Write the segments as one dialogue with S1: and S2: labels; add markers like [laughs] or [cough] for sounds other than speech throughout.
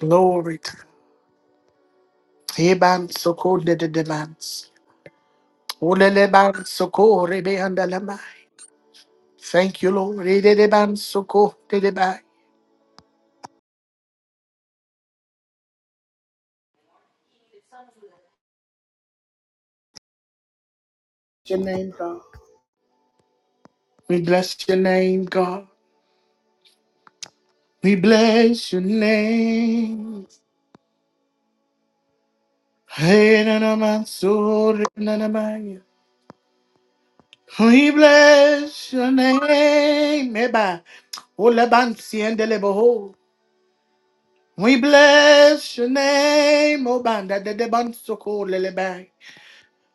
S1: Glory. Eban soko de de demands. Uleleban soko rebe andalamai. Thank you, Lord. Rededeban soko de debai. Your name, God. We bless your name, God. We bless your name. Hey, na, na, man, so, re, na, na, man. We bless your name. Eba. Ola, ban, si, en, de, le, We bless your name, O Banda de Deban Soko Lelebai.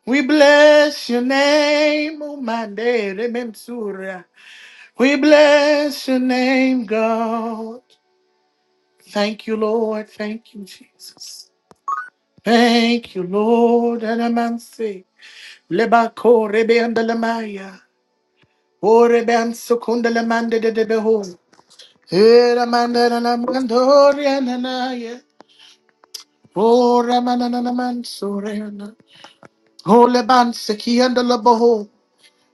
S1: We bless your name, Umandere Mensura. We bless your name, God. Thank you, Lord. Thank you, Jesus. Thank you, Lord. Anamanse. Lebako rebeandalamaya. O rebeansukundamande de debeho. Eramandanamandoriananaya. O ramananamansurena. O lebansekiandalaboho.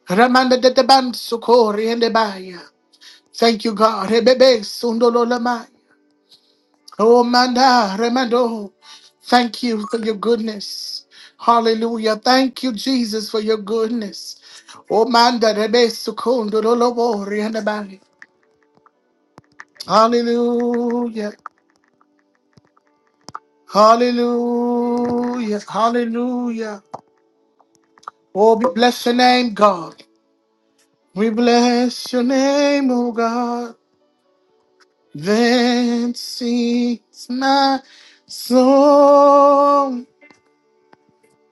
S1: Ramanda de deban sukori and debansukoriandebaya. Thank you, God. Ebebe sundololamai. Oh, manda remando. Thank you for your goodness. Hallelujah. Thank you, Jesus, for your goodness. Oh, manda rebe sukundololobo riandabari. Hallelujah. Hallelujah. Hallelujah. Oh, we bless your name, God. We bless your name, oh God. Then sings my soul.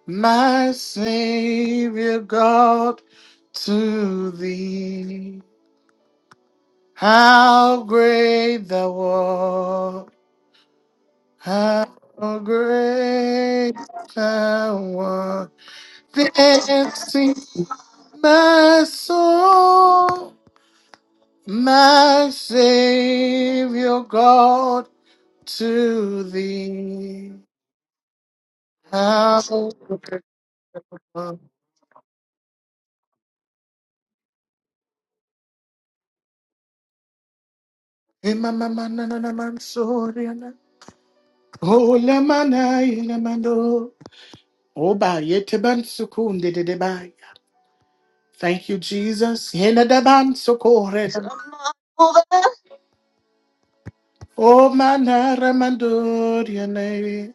S1: my Savior God, to thee. How great thou art, how great thou art. Then sing my soul, my Savior God, to thee. How great thou art. Hey, mama, na, na, na, man, sorry, Oh, lamanai lamando. Oba yeteban sukunde de Obayetebansukundedebaya. Thank you, Jesus. Henedabansukored. Omanaramandoriane.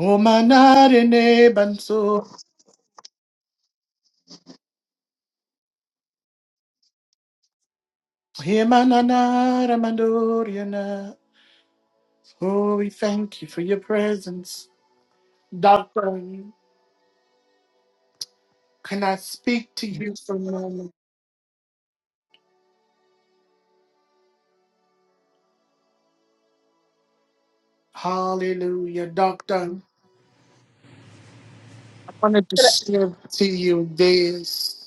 S1: Omanarenebanso. Hemananaramandoriana. Oh, we thank you for your presence. Doctor, can I speak to you for a moment? Hallelujah, Doctor. I wanted to
S2: Good,
S1: share to you this.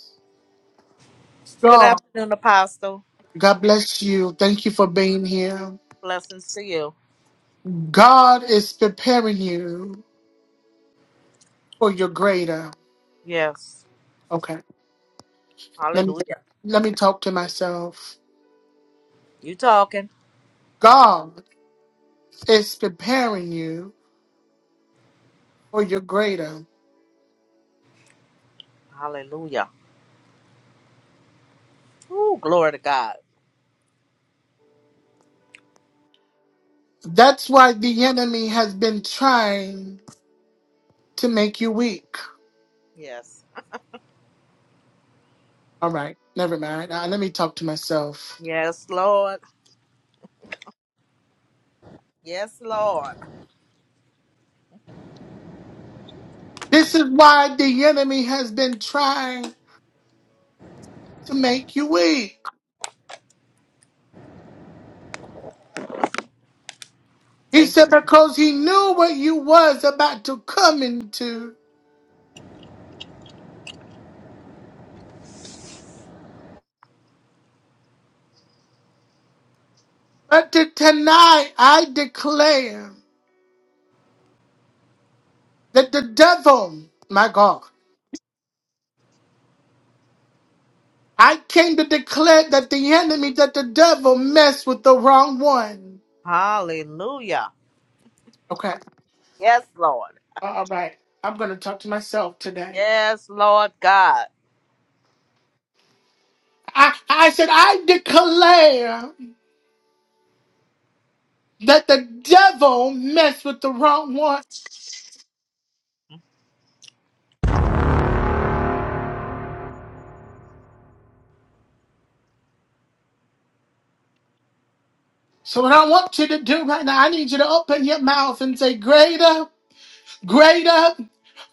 S2: good
S1: God.
S2: afternoon, Apostle.
S1: God bless you. Thank you for being here.
S2: Blessings to you.
S1: God is preparing you for your greater.
S2: Yes.
S1: Okay. Let me
S2: Hallelujah.
S1: let me talk to myself.
S2: You talking?
S1: God is preparing you for your greater.
S2: Hallelujah. Ooh, glory to God.
S1: That's why the enemy has been trying to make you weak.
S2: Yes.
S1: All right, never mind. Uh, let me talk to myself.
S2: Yes, Lord. Yes, Lord.
S1: This is why the enemy has been trying to make you weak. He
S2: Thank you.
S1: said because he knew what you was about to come into. But to- tonight I declare that the devil, my God, I came to declare that the enemy, that the devil messed with the wrong one.
S2: Hallelujah.
S1: Okay.
S2: Yes, Lord.
S1: All right. I'm going to talk to myself today.
S2: Yes, Lord God.
S1: I, I said, I declare that the devil messed with the wrong one. So what I want you to do right now, I need you to open your mouth and say, greater, greater,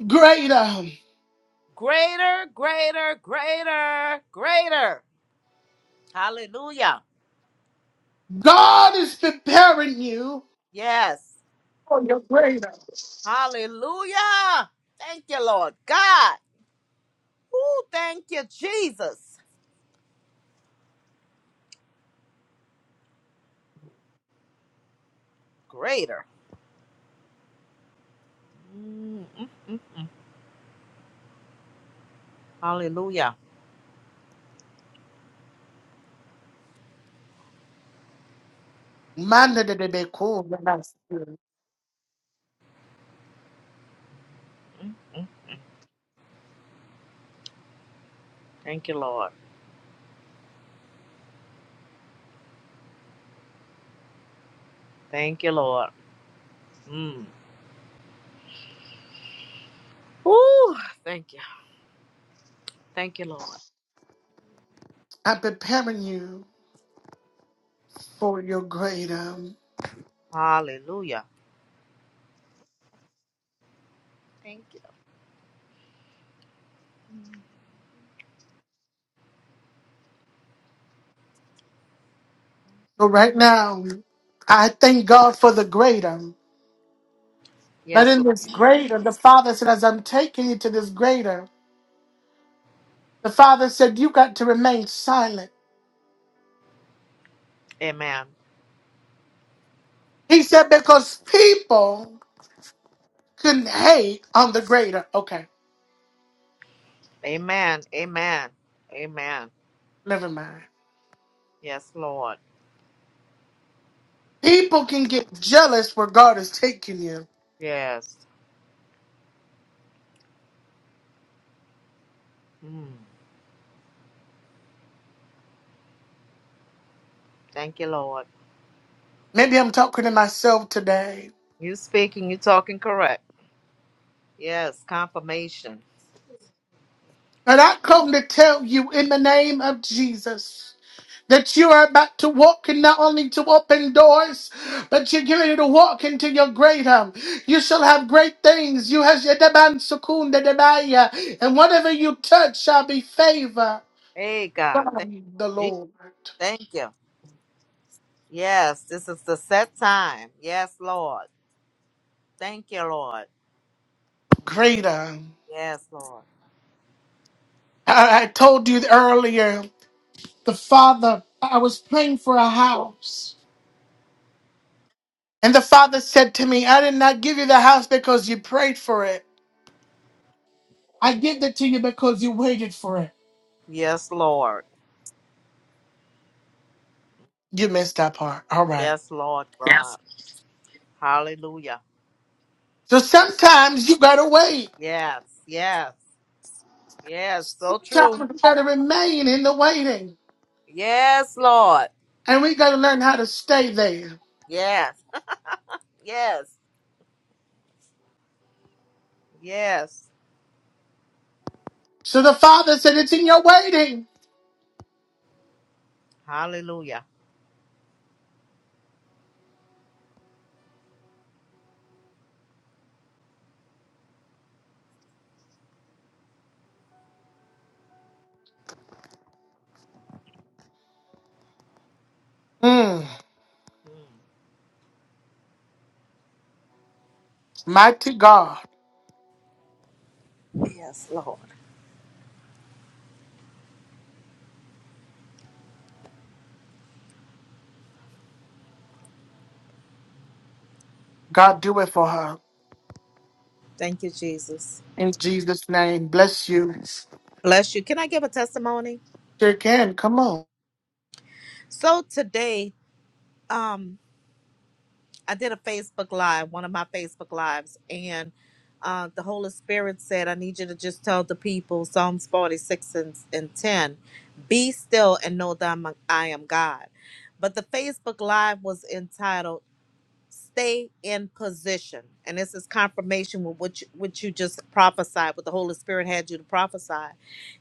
S1: greater.
S2: Greater, greater, greater, greater. Hallelujah.
S1: God is preparing you
S2: Yes.
S1: for your greater.
S2: Hallelujah. Thank you, Lord God. Ooh, thank you, Jesus. Greater. Mm, mm, mm. Hallelujah.
S1: Manda de be cool.
S2: Thank you, Lord. Thank you, Lord. Mm. Ooh, thank you. Thank you, Lord.
S1: I'm preparing you for your greater.
S2: Hallelujah. Thank you.
S1: So right now, I thank God for the greater. But
S2: Yes,
S1: in
S2: Lord.
S1: this greater, the Father said, as I'm taking you to this greater, the Father said, you got to remain silent.
S2: Amen.
S1: He said, because people can hate on the greater. Okay,
S2: Amen. Amen. Amen.
S1: never mind.
S2: Yes, Lord.
S1: People can get jealous where God is taking you.
S2: Yes. Mm. Thank you, Lord.
S1: Maybe I'm talking to myself today.
S2: You speaking, you talking correct. Yes, confirmation.
S1: But I come to tell you in the name of Jesus. That you are about to walk and not only to open doors, but you're getting ready to walk into your greater. You shall have great things. You has your demand secunda debaya, and whatever you touch shall be favor
S2: Hey, God. Thank
S1: from the
S2: you.
S1: Lord.
S2: Thank you. Yes, this is the set time. Yes, Lord. Thank you, Lord.
S1: Greater.
S2: Yes, Lord.
S1: I, I told you earlier, the father, I was praying for a house. And the father said to me, I did not give you the house because you prayed for it. I give it to you because you waited for it.
S2: Yes, Lord.
S1: You missed that part. All right.
S2: Yes, Lord God. Hallelujah.
S1: So sometimes you gotta wait.
S2: Yes, yes, yes. So true.
S1: Sometimes you gotta remain in the waiting.
S2: Yes, Lord.
S1: And we gotta learn how to stay there.
S2: Yes, yes, yes.
S1: So the father said, It's in your waiting.
S2: Hallelujah.
S1: Mm,
S2: Mm.
S1: mighty God.
S2: Yes, Lord.
S1: God do it for her.
S2: Thank you, Jesus.
S1: In Jesus' name. Bless you.
S2: Bless you. Can I give a testimony?
S1: Sure can. Come on.
S2: So today, um. I did a Facebook live, one of my Facebook lives, and uh, the Holy Spirit said, I need you to just tell the people Psalms 46 and, and 10, be still and know that I'm, I am God. But the Facebook live was entitled, Stay in Position. And this is confirmation with what you, what you just prophesied, what the Holy Spirit had you to prophesy.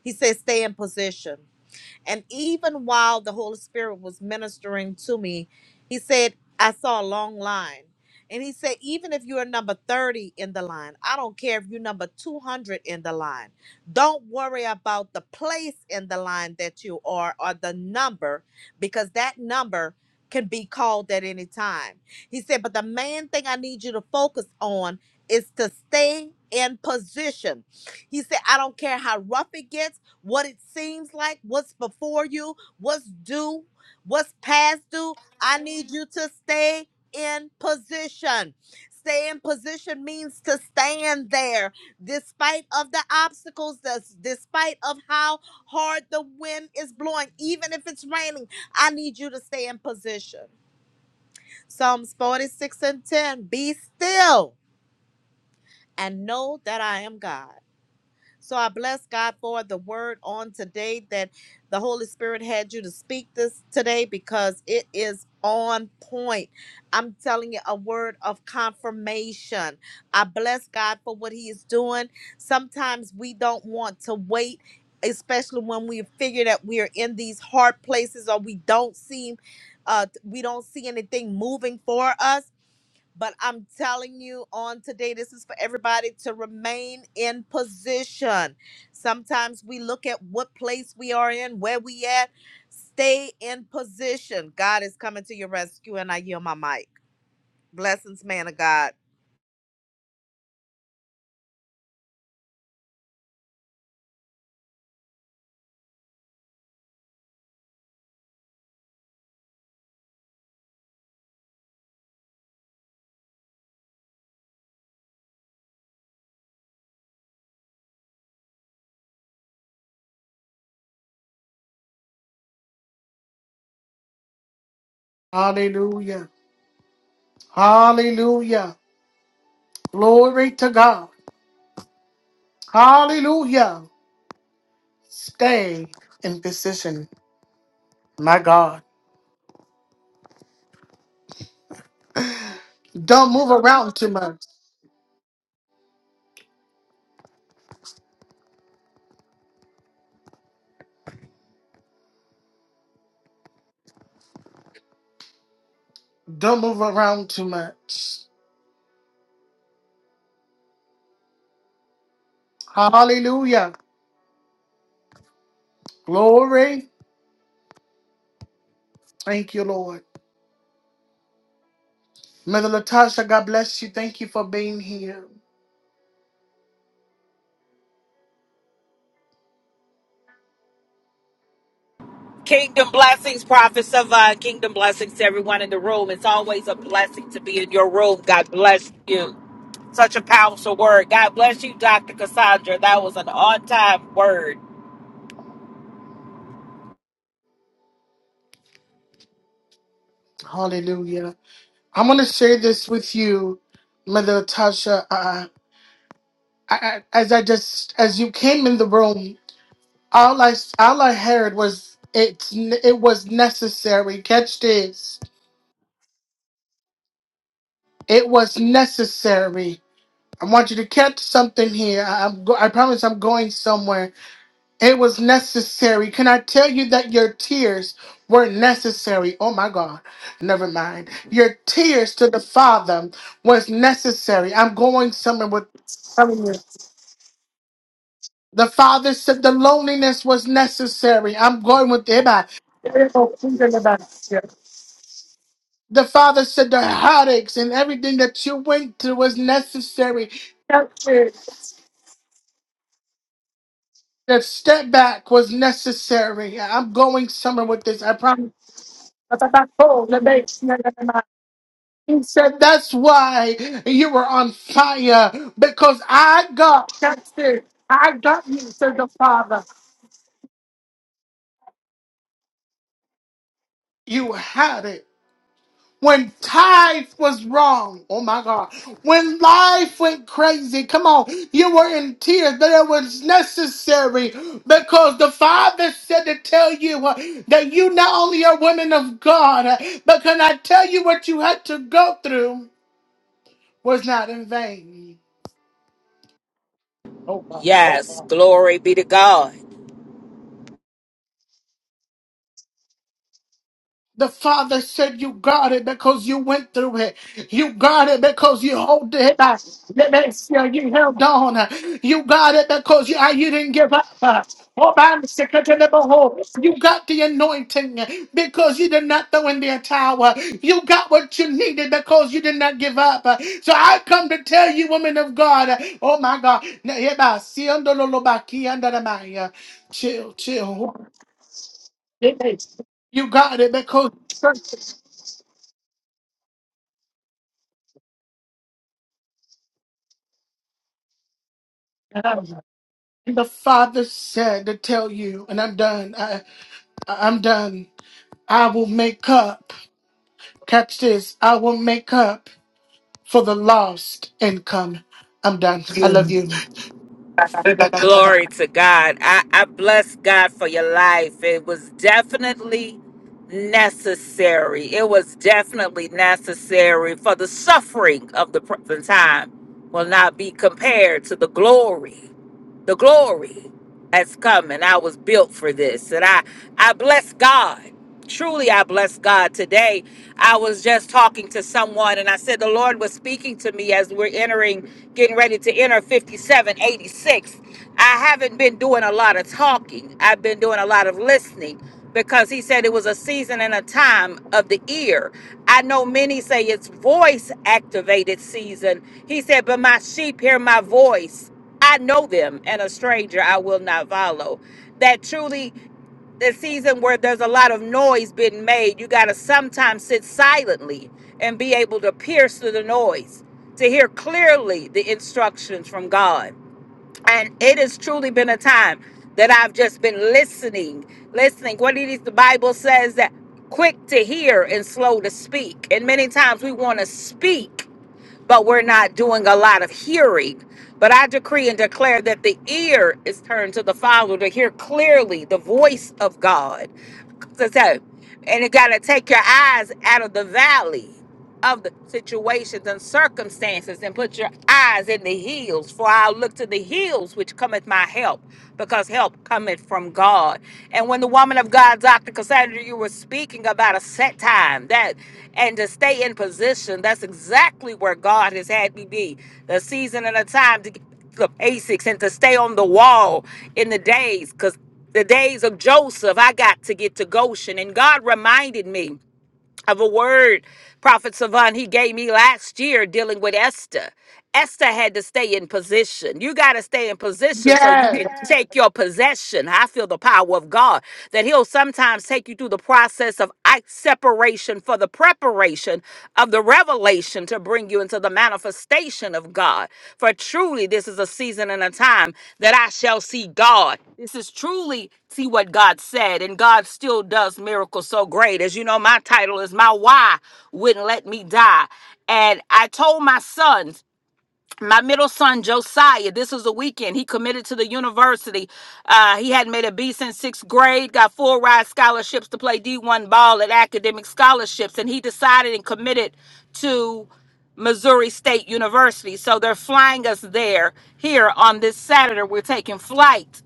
S2: He says, Stay in position. And even while the Holy Spirit was ministering to me, he said, I saw a long line. And he said, even if you're number 30 in the line, I don't care if you're number 200 in the line. Don't worry about the place in the line that you are or the number, because that number can be called at any time. He said, but the main thing I need you to focus on is to stay in position. He said, I don't care how rough it gets what it seems like, what's before you, what's due, what's past due. I need you to stay in position. Stay in position means to stand there despite of the obstacles, that's despite of how hard the wind is blowing, even if it's raining. I need you to stay in position. Psalms 46 and 10. Be still and know that I am God. So I bless God for the word on today that the Holy Spirit had you to speak this today because it is on point. I'm telling you a word of confirmation. I bless God for what He is doing. Sometimes we don't want to wait. Especially when we figure that we are in these hard places or we don't seem uh we don't see anything moving for us but I'm telling you on today, this is for everybody to remain in position. Sometimes we look at what place we are in, where we at. Stay in position. God is coming to your rescue, and I yield my mic. Blessings, man of God.
S1: Hallelujah. Hallelujah. Glory to God. Hallelujah. Stay in position. My God. Don't move around too much. Don't move around too much. Hallelujah. Glory. Thank you, Lord. Mother Latasha, God bless you. Thank you for being here.
S3: Kingdom blessings, prophets of uh, kingdom blessings to everyone in the room. It's always a blessing to be in your room. God bless you. Such a powerful word. God bless you, Dr. Cassandra. That was an on time word.
S1: Hallelujah. I'm going to share this with you, Mother Latasha. Uh, I, I, as I just, as you came in the room, all I, all I heard was it's, n- it was necessary. Catch this. It was necessary. I want you to catch something here. I, I'm, go- I promise I'm going somewhere. It was necessary. Can I tell you that your tears were necessary? Oh my God. Never mind. Your tears to the Father was necessary. I'm going somewhere with telling you. The Father said the loneliness was necessary. I'm going with Eba. The Father said the heartaches and everything that you went through was necessary. The step back was necessary. I'm going somewhere with this. I promise. He said, That's why you were on fire, because I got that's it. I got you, said the Father. You had it. When tithe was wrong, oh my God. When life went crazy, come on, you were in tears, but it was necessary because the Father said to tell you uh, that you not only are women of God, uh, but can I tell you what you had to go through was not in vain. Oh, God.
S3: Yes. Glory be to God.
S1: The Father said, You got it because you went through it. You got it because you hold it. Uh, You held on. You got it because you, uh, you didn't give up. Uh, oh, man, sick of the little hole. You got the anointing because you did not throw in the towel. You got what you needed because you did not give up. Uh, So I come to tell you, woman of God, uh, oh my God. na- yeah, bah, si, and, do, lo, lo, bah, ki, and, da, da, bah, yeah. Chill, chill. It is. You got it because Um, the Father said to tell you, and I'm done. I, I- I'm done. I will make up. Catch this. I will make up for the lost income. I'm done. I love you.
S3: [laughs] Glory to God. I, I bless God for your life. It was definitely necessary. It was definitely necessary for the suffering of the present time will not be compared to the glory. The glory has come and I was built for this. And I, I bless God. Truly, I bless God. Today, I was just talking to someone and I said, The Lord was speaking to me as we're entering, getting ready to enter 5786. I haven't been doing a lot of talking, I've been doing a lot of listening because He said it was a season and a time of the ear. I know many say it's voice activated season. He said, But my sheep hear my voice I know them, and a stranger I will not follow. That truly, the season where there's a lot of noise being made, you got to sometimes sit silently and be able to pierce through the noise to hear clearly the instructions from God. And it has truly been a time that I've just been listening, listening. What it is the Bible says that quick to hear and slow to speak. And many times we want to speak but we're not doing a lot of hearing. But I decree and declare that the ear is turned to the Father to hear clearly the voice of God. So, so- and you got to take your eyes out of the valley of the situations and circumstances and put your eyes in the hills for i'll look to the hills which cometh my help because help cometh from god and when the woman of god dr cassandra you were speaking about a set time that and to stay in position that's exactly where god has had me be the season and the time to get the basics and to stay on the wall in the days because the days of Joseph, I got to get to Goshen. And God reminded me of a word prophet Savan he gave me last year dealing with Esther. Esther had to stay in position. You got to stay in position so you
S1: Yes.
S3: can Yes. take your possession. I feel the power of God that He'll sometimes take you through the process of i- separation for the preparation of the revelation revelation to bring you into the manifestation of God. For truly, this is a season and a time that I shall see God. This is truly see what God said, and God still does miracles so great. As you know, my title is My Why Wouldn't Let Me Die. And I told my sons my middle son Josiah, this was a weekend. He committed to the university. Uh, he hadn't made a B since sixth grade. Got full ride scholarships to play D1 ball at academic scholarships, and he decided and committed to Missouri State University. So they're flying us there here on this Saturday. We're taking flight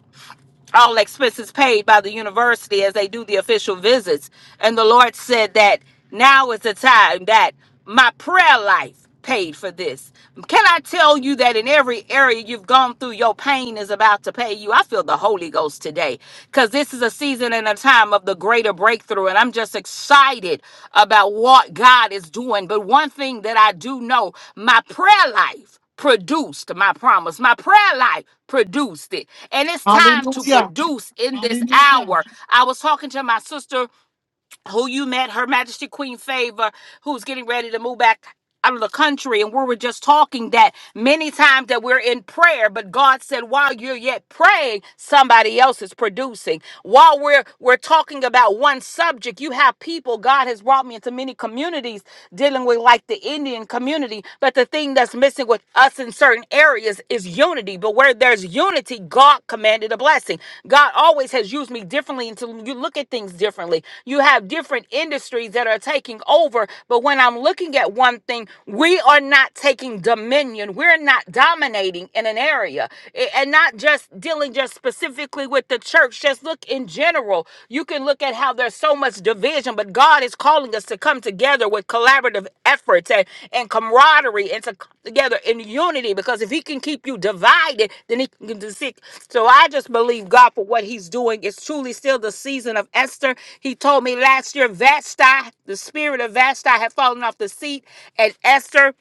S3: all expenses paid by the university as they do the official visits. And the Lord said that now is the time that my prayer life paid for this. Can I tell you that in every area you've gone through, your pain is about to pay you? I feel the Holy Ghost today because this is a season and a time of the greater breakthrough. And I'm just excited about what God is doing. But one thing that I do know my prayer life produced my promise. My prayer life produced it. And it's time to
S1: Hallelujah.
S3: produce in this Hallelujah. hour. I was talking to my sister who you met, Her Majesty Queen Favor, who's getting ready to move back out of the country and we were just talking that many times that we're in prayer but god said while you're yet praying somebody else is producing while we're we're talking about one subject you have people god has brought me into many communities dealing with like the indian community but the thing that's missing with us in in certain areas is unity, but where there's unity, God commanded a blessing. God always has used me differently until you look at things differently. You have different industries that are taking over, but when I'm looking at one thing, we are not taking dominion. We're not dominating in an area A- and not just dealing just specifically with the church. Just look in general. You can look at how there's so much division, but God is calling us to come together with collaborative efforts and, and camaraderie and to come together in unity because if He can keep you divided, then He can do sick. So I just believe God for what He's doing. It's truly still the season of Esther. He told me last year, Vashti, the spirit of Vashti had fallen off the seat, and Esther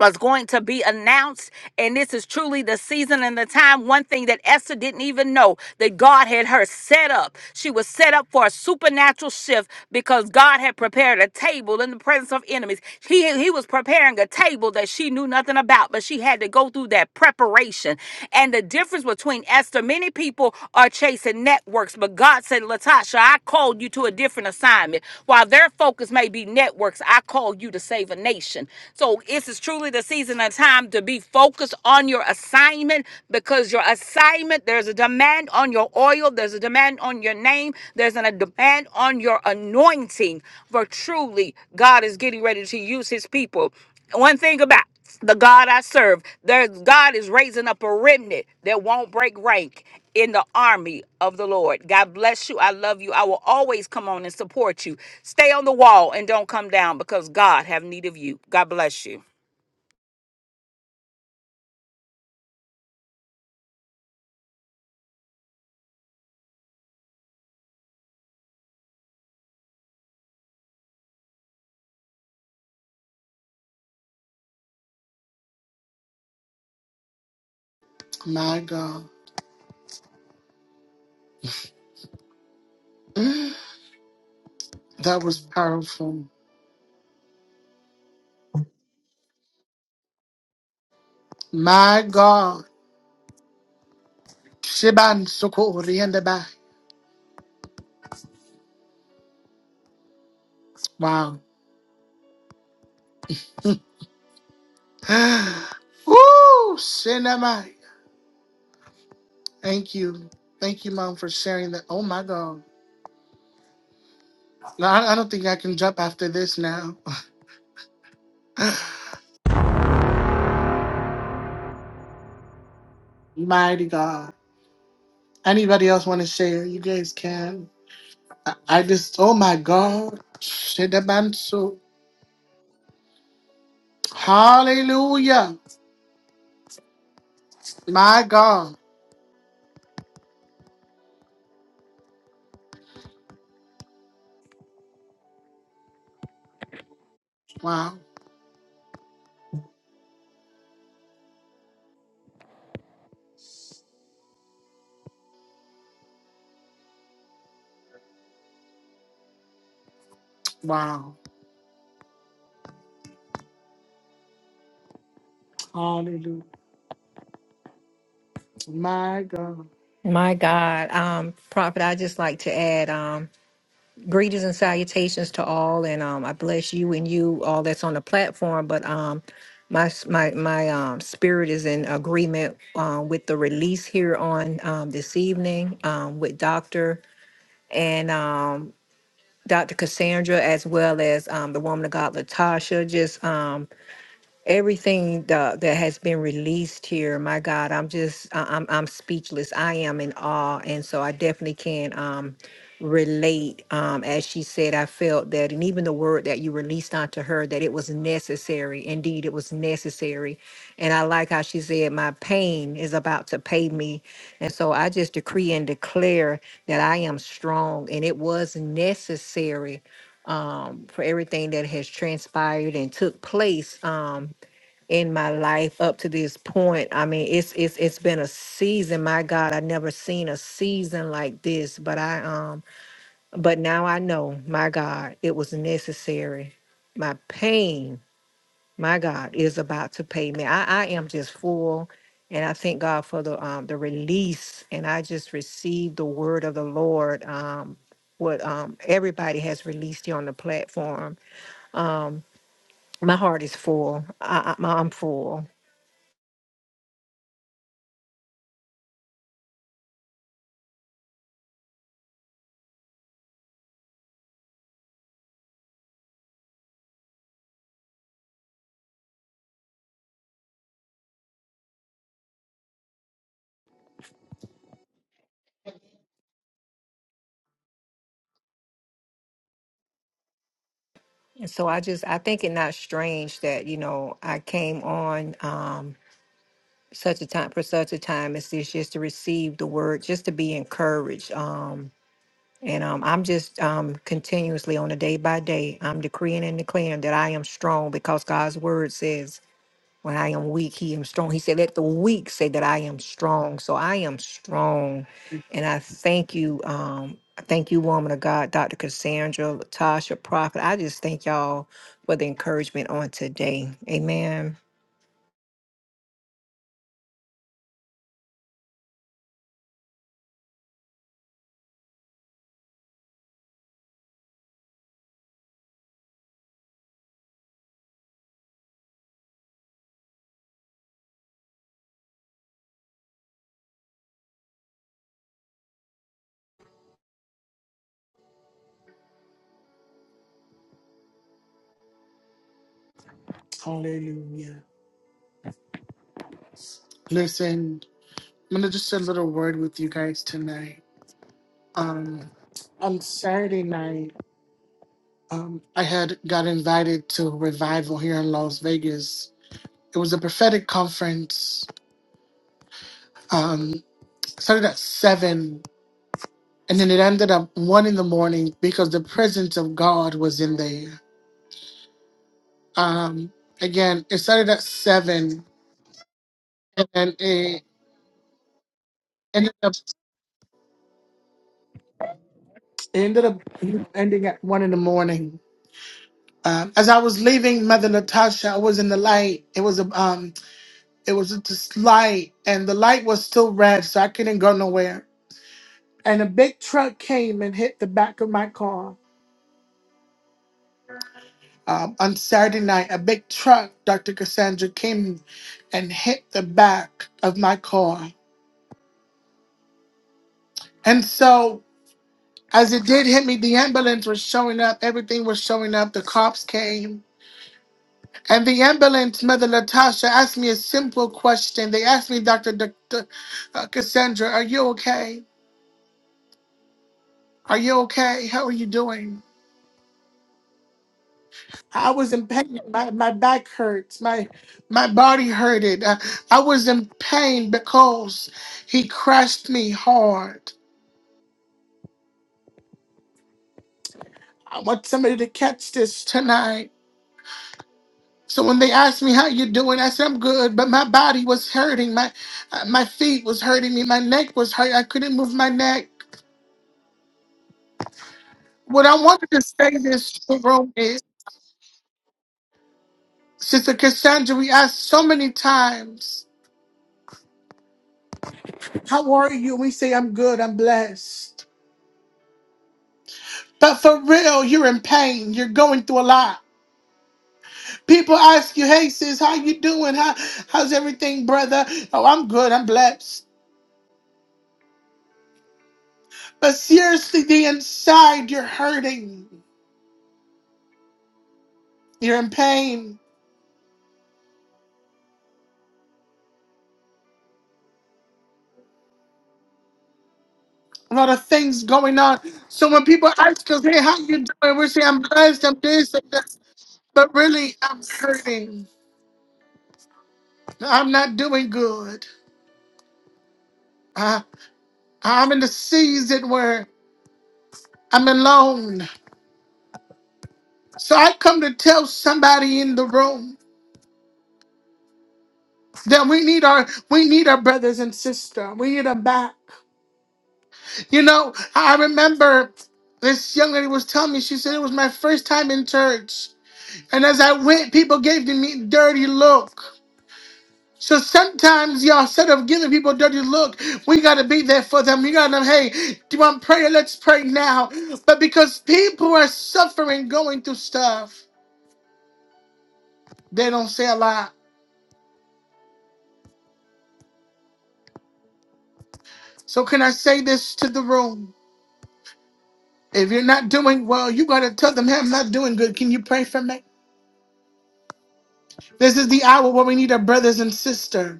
S3: was going to be announced. And this is truly the season and the time. One thing that Esther didn't even know that God had her set up. She was set up for a supernatural shift because God had prepared a table in the presence of enemies. He, he was preparing a table that she knew nothing about, but she had to go through that preparation. And the difference between Esther, many people are chasing networks, but God said, Latasha, I called you to a different assignment. While their focus may be networks, I called you to save a nation. So it's is truly the season and time to be focused on your assignment because your assignment, there's a demand on your oil, there's a demand on your name, there's a demand on your anointing. For truly, God is getting ready to use his people. One thing about the God I serve, there God is raising up a remnant that won't break rank in the army of the Lord. God bless you. I love you. I will always come on and support you. Stay on the wall and don't come down because God have need of you. God bless you.
S1: My God. Mm, That was powerful. My God. Shiban Sukori and the back. Wow. [gasps] [sighs] Woo! Cinema. Thank you. Thank you, Mom, for sharing that. Oh, my God. No, I, I don't think I can jump after this now. [laughs] Mighty God. Anybody else want to share? You guys can. I, I just, oh, my God. Shidabansu. Hallelujah. My God. Wow. Wow. Hallelujah. My God.
S4: My God, um, Prophet, I just like to add um, greetings and salutations to all, and um, I bless you and you all that's on the platform. But um, my s- my my um, spirit is in agreement uh, with the release here on um, this evening um, with Doctor and um, Doctor Cassandra, as well as um, the woman of God, Latasha. Just um, everything that, that has been released here my god i'm just I- i'm i'm speechless i am in awe and so i definitely can um relate um as she said i felt that and even the word that you released onto her that it was necessary indeed it was necessary and i like how she said my pain is about to pay me and so i just decree and declare that i am strong and it was necessary um, for everything that has transpired and took place. Um, in my life up to this point. I mean, it's it's it's been a season. My God, I never seen a season like this. But I um, but now I know, my God, it was necessary. My pain, my God, is about to pay me. I, I am just full. And I thank God for the um, the release, and I just received the word of the Lord. Um, what um, everybody has released here on the platform. Um, my heart is full. I, I, I'm full. And so I just I think it not strange that you know I came on um such a time for such a time as this just to receive the word just to be encouraged um and um I'm just um continuously on a day by day I'm decreeing and declaring that I am strong because God's word says when I am weak, he am strong. He said, Let the weak say that I am strong. So I am strong. And I thank you. Um, I thank you, woman of God, Dr. Cassandra, Latasha, Prophet. I just thank y'all for the encouragement on today. Amen.
S1: Hallelujah. Listen, I'm going to just say a little word with you guys tonight. Um, on Saturday night, Um, I had got invited to revival here in Las Vegas. It was a prophetic conference. Um, started at seven, and then it ended up one in the morning because the presence of God was in there. Um, again, it started at seven, and it ended up it ended up ending at one in the morning. Um, as I was leaving Mother Natasha, I was in the light. It was a um, it was just light, and the light was still red, so I couldn't go nowhere and a big truck came and hit the back of my car. Um, on Saturday night, a big truck, Dr. Cassandra, came and hit the back of my car. And so, as it did hit me, the ambulance was showing up. Everything was showing up. The cops came. And the ambulance, Mother Latasha, asked me a simple question. They asked me, Dr. D- D- uh, Cassandra, are you okay? Are you okay? How are you doing? I was in pain. My, my back hurts. My my body hurted. I, I was in pain because he crushed me hard. I want somebody to catch this tonight. So when they asked me how you doing, I said I'm good, but my body was hurting. My uh, my feet was hurting me. My neck was hurt. I couldn't move my neck. What I wanted to say this to Rome is, Sister Cassandra, we asked so many times, "How are you?" We say, "I'm good. I'm blessed." But for real, you're in pain. You're going through a lot. People ask you, "Hey sis, how you doing? How, how's everything, brother?" Oh, I'm good. I'm blessed. But seriously, the inside, you're hurting. You're in pain. A lot of things going on. So when people ask us, "Hey, how you doing?" We're saying, "I'm blessed. I'm this and that." But really, I'm hurting. I'm not doing good. I, I'm in the season where I'm alone. So I come to tell somebody in the room. That we need our we need our brothers and sisters. We need them back. You know, I remember this young lady was telling me, she said it was my first time in church. And as I went, people gave me dirty look. So sometimes, y'all, instead of giving people dirty look, we gotta be there for them. We gotta, hey, do you want prayer? Let's pray now. But because people are suffering, going through stuff, they don't say a lot. So can I say this to the room? If you're not doing well, you gotta tell them, hey, I'm not doing good. Can you pray for me? This is the hour where we need our brothers and sisters.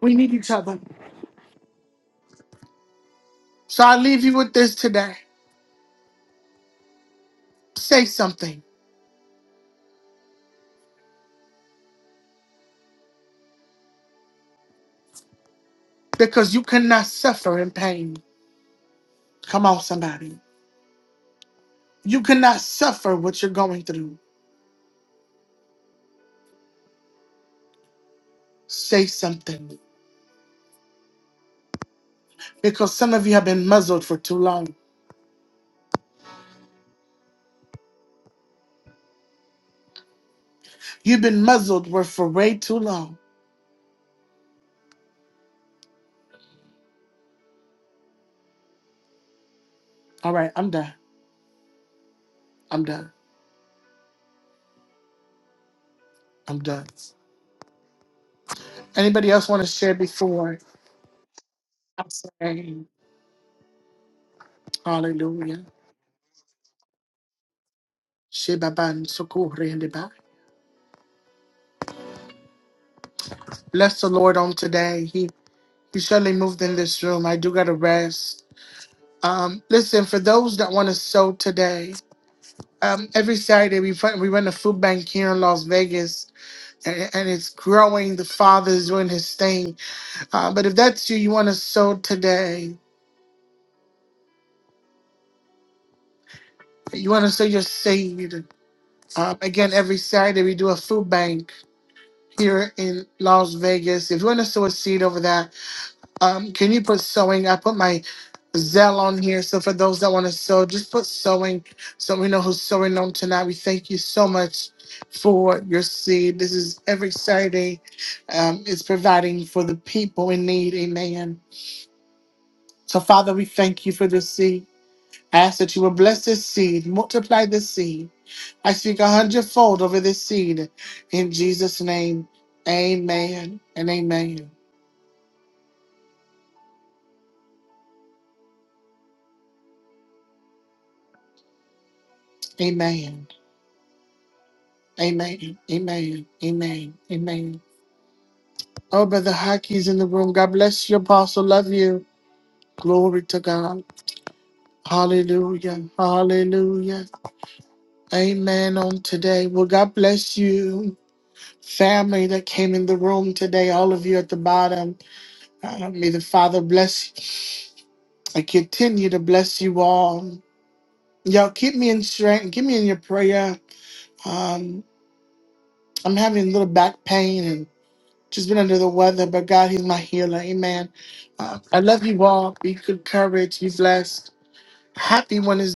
S1: We need each other. So I leave you with this today. Say something because you cannot suffer in pain. Come on, somebody. You cannot suffer what you're going through. Say something because some of you have been muzzled for too long. You've been muzzled were for way too long. All right, I'm done. I'm done. I'm done. Anybody else want to share before I say hallelujah? Shebaban Sukuri and Deba. Bless the Lord on today. He he surely moved in this room. I do gotta rest. Um, listen, for those that want to sow today, um, every Saturday we run, we run a food bank here in Las Vegas, and, and it's growing. The Father's doing His thing. Uh, but if that's you, you want to sow today. You want to sow your seed. Um, again, every Saturday we do a food bank here in Las Vegas. If you want to sow a seed over that, Um, can you put sewing? I put my Zell on here. So for those that want to sew, just put sewing so we know who's sewing on tonight. We thank you so much for your seed. This is every Saturday. Um, it's providing for the people in need. Amen. So Father, we thank you for this seed. I ask that you will bless this seed, multiply this seed. I speak a hundredfold over this seed in Jesus' name. Amen and amen. Amen. Amen. Amen. Amen. Amen. Oh, Brother Hockey's in the room. God bless you, Apostle. Love you. Glory to God. Hallelujah. Hallelujah. Amen on today. Well, God bless you, family that came in the room today, all of you at the bottom. Uh, may the Father bless and continue to bless you all. Y'all keep me in strength. Keep me in your prayer. Um, I'm having a little back pain Just been under the weather, but God, He's my healer. Amen. Uh, I love you all. Be good courage. Be blessed. Happy Wednesday.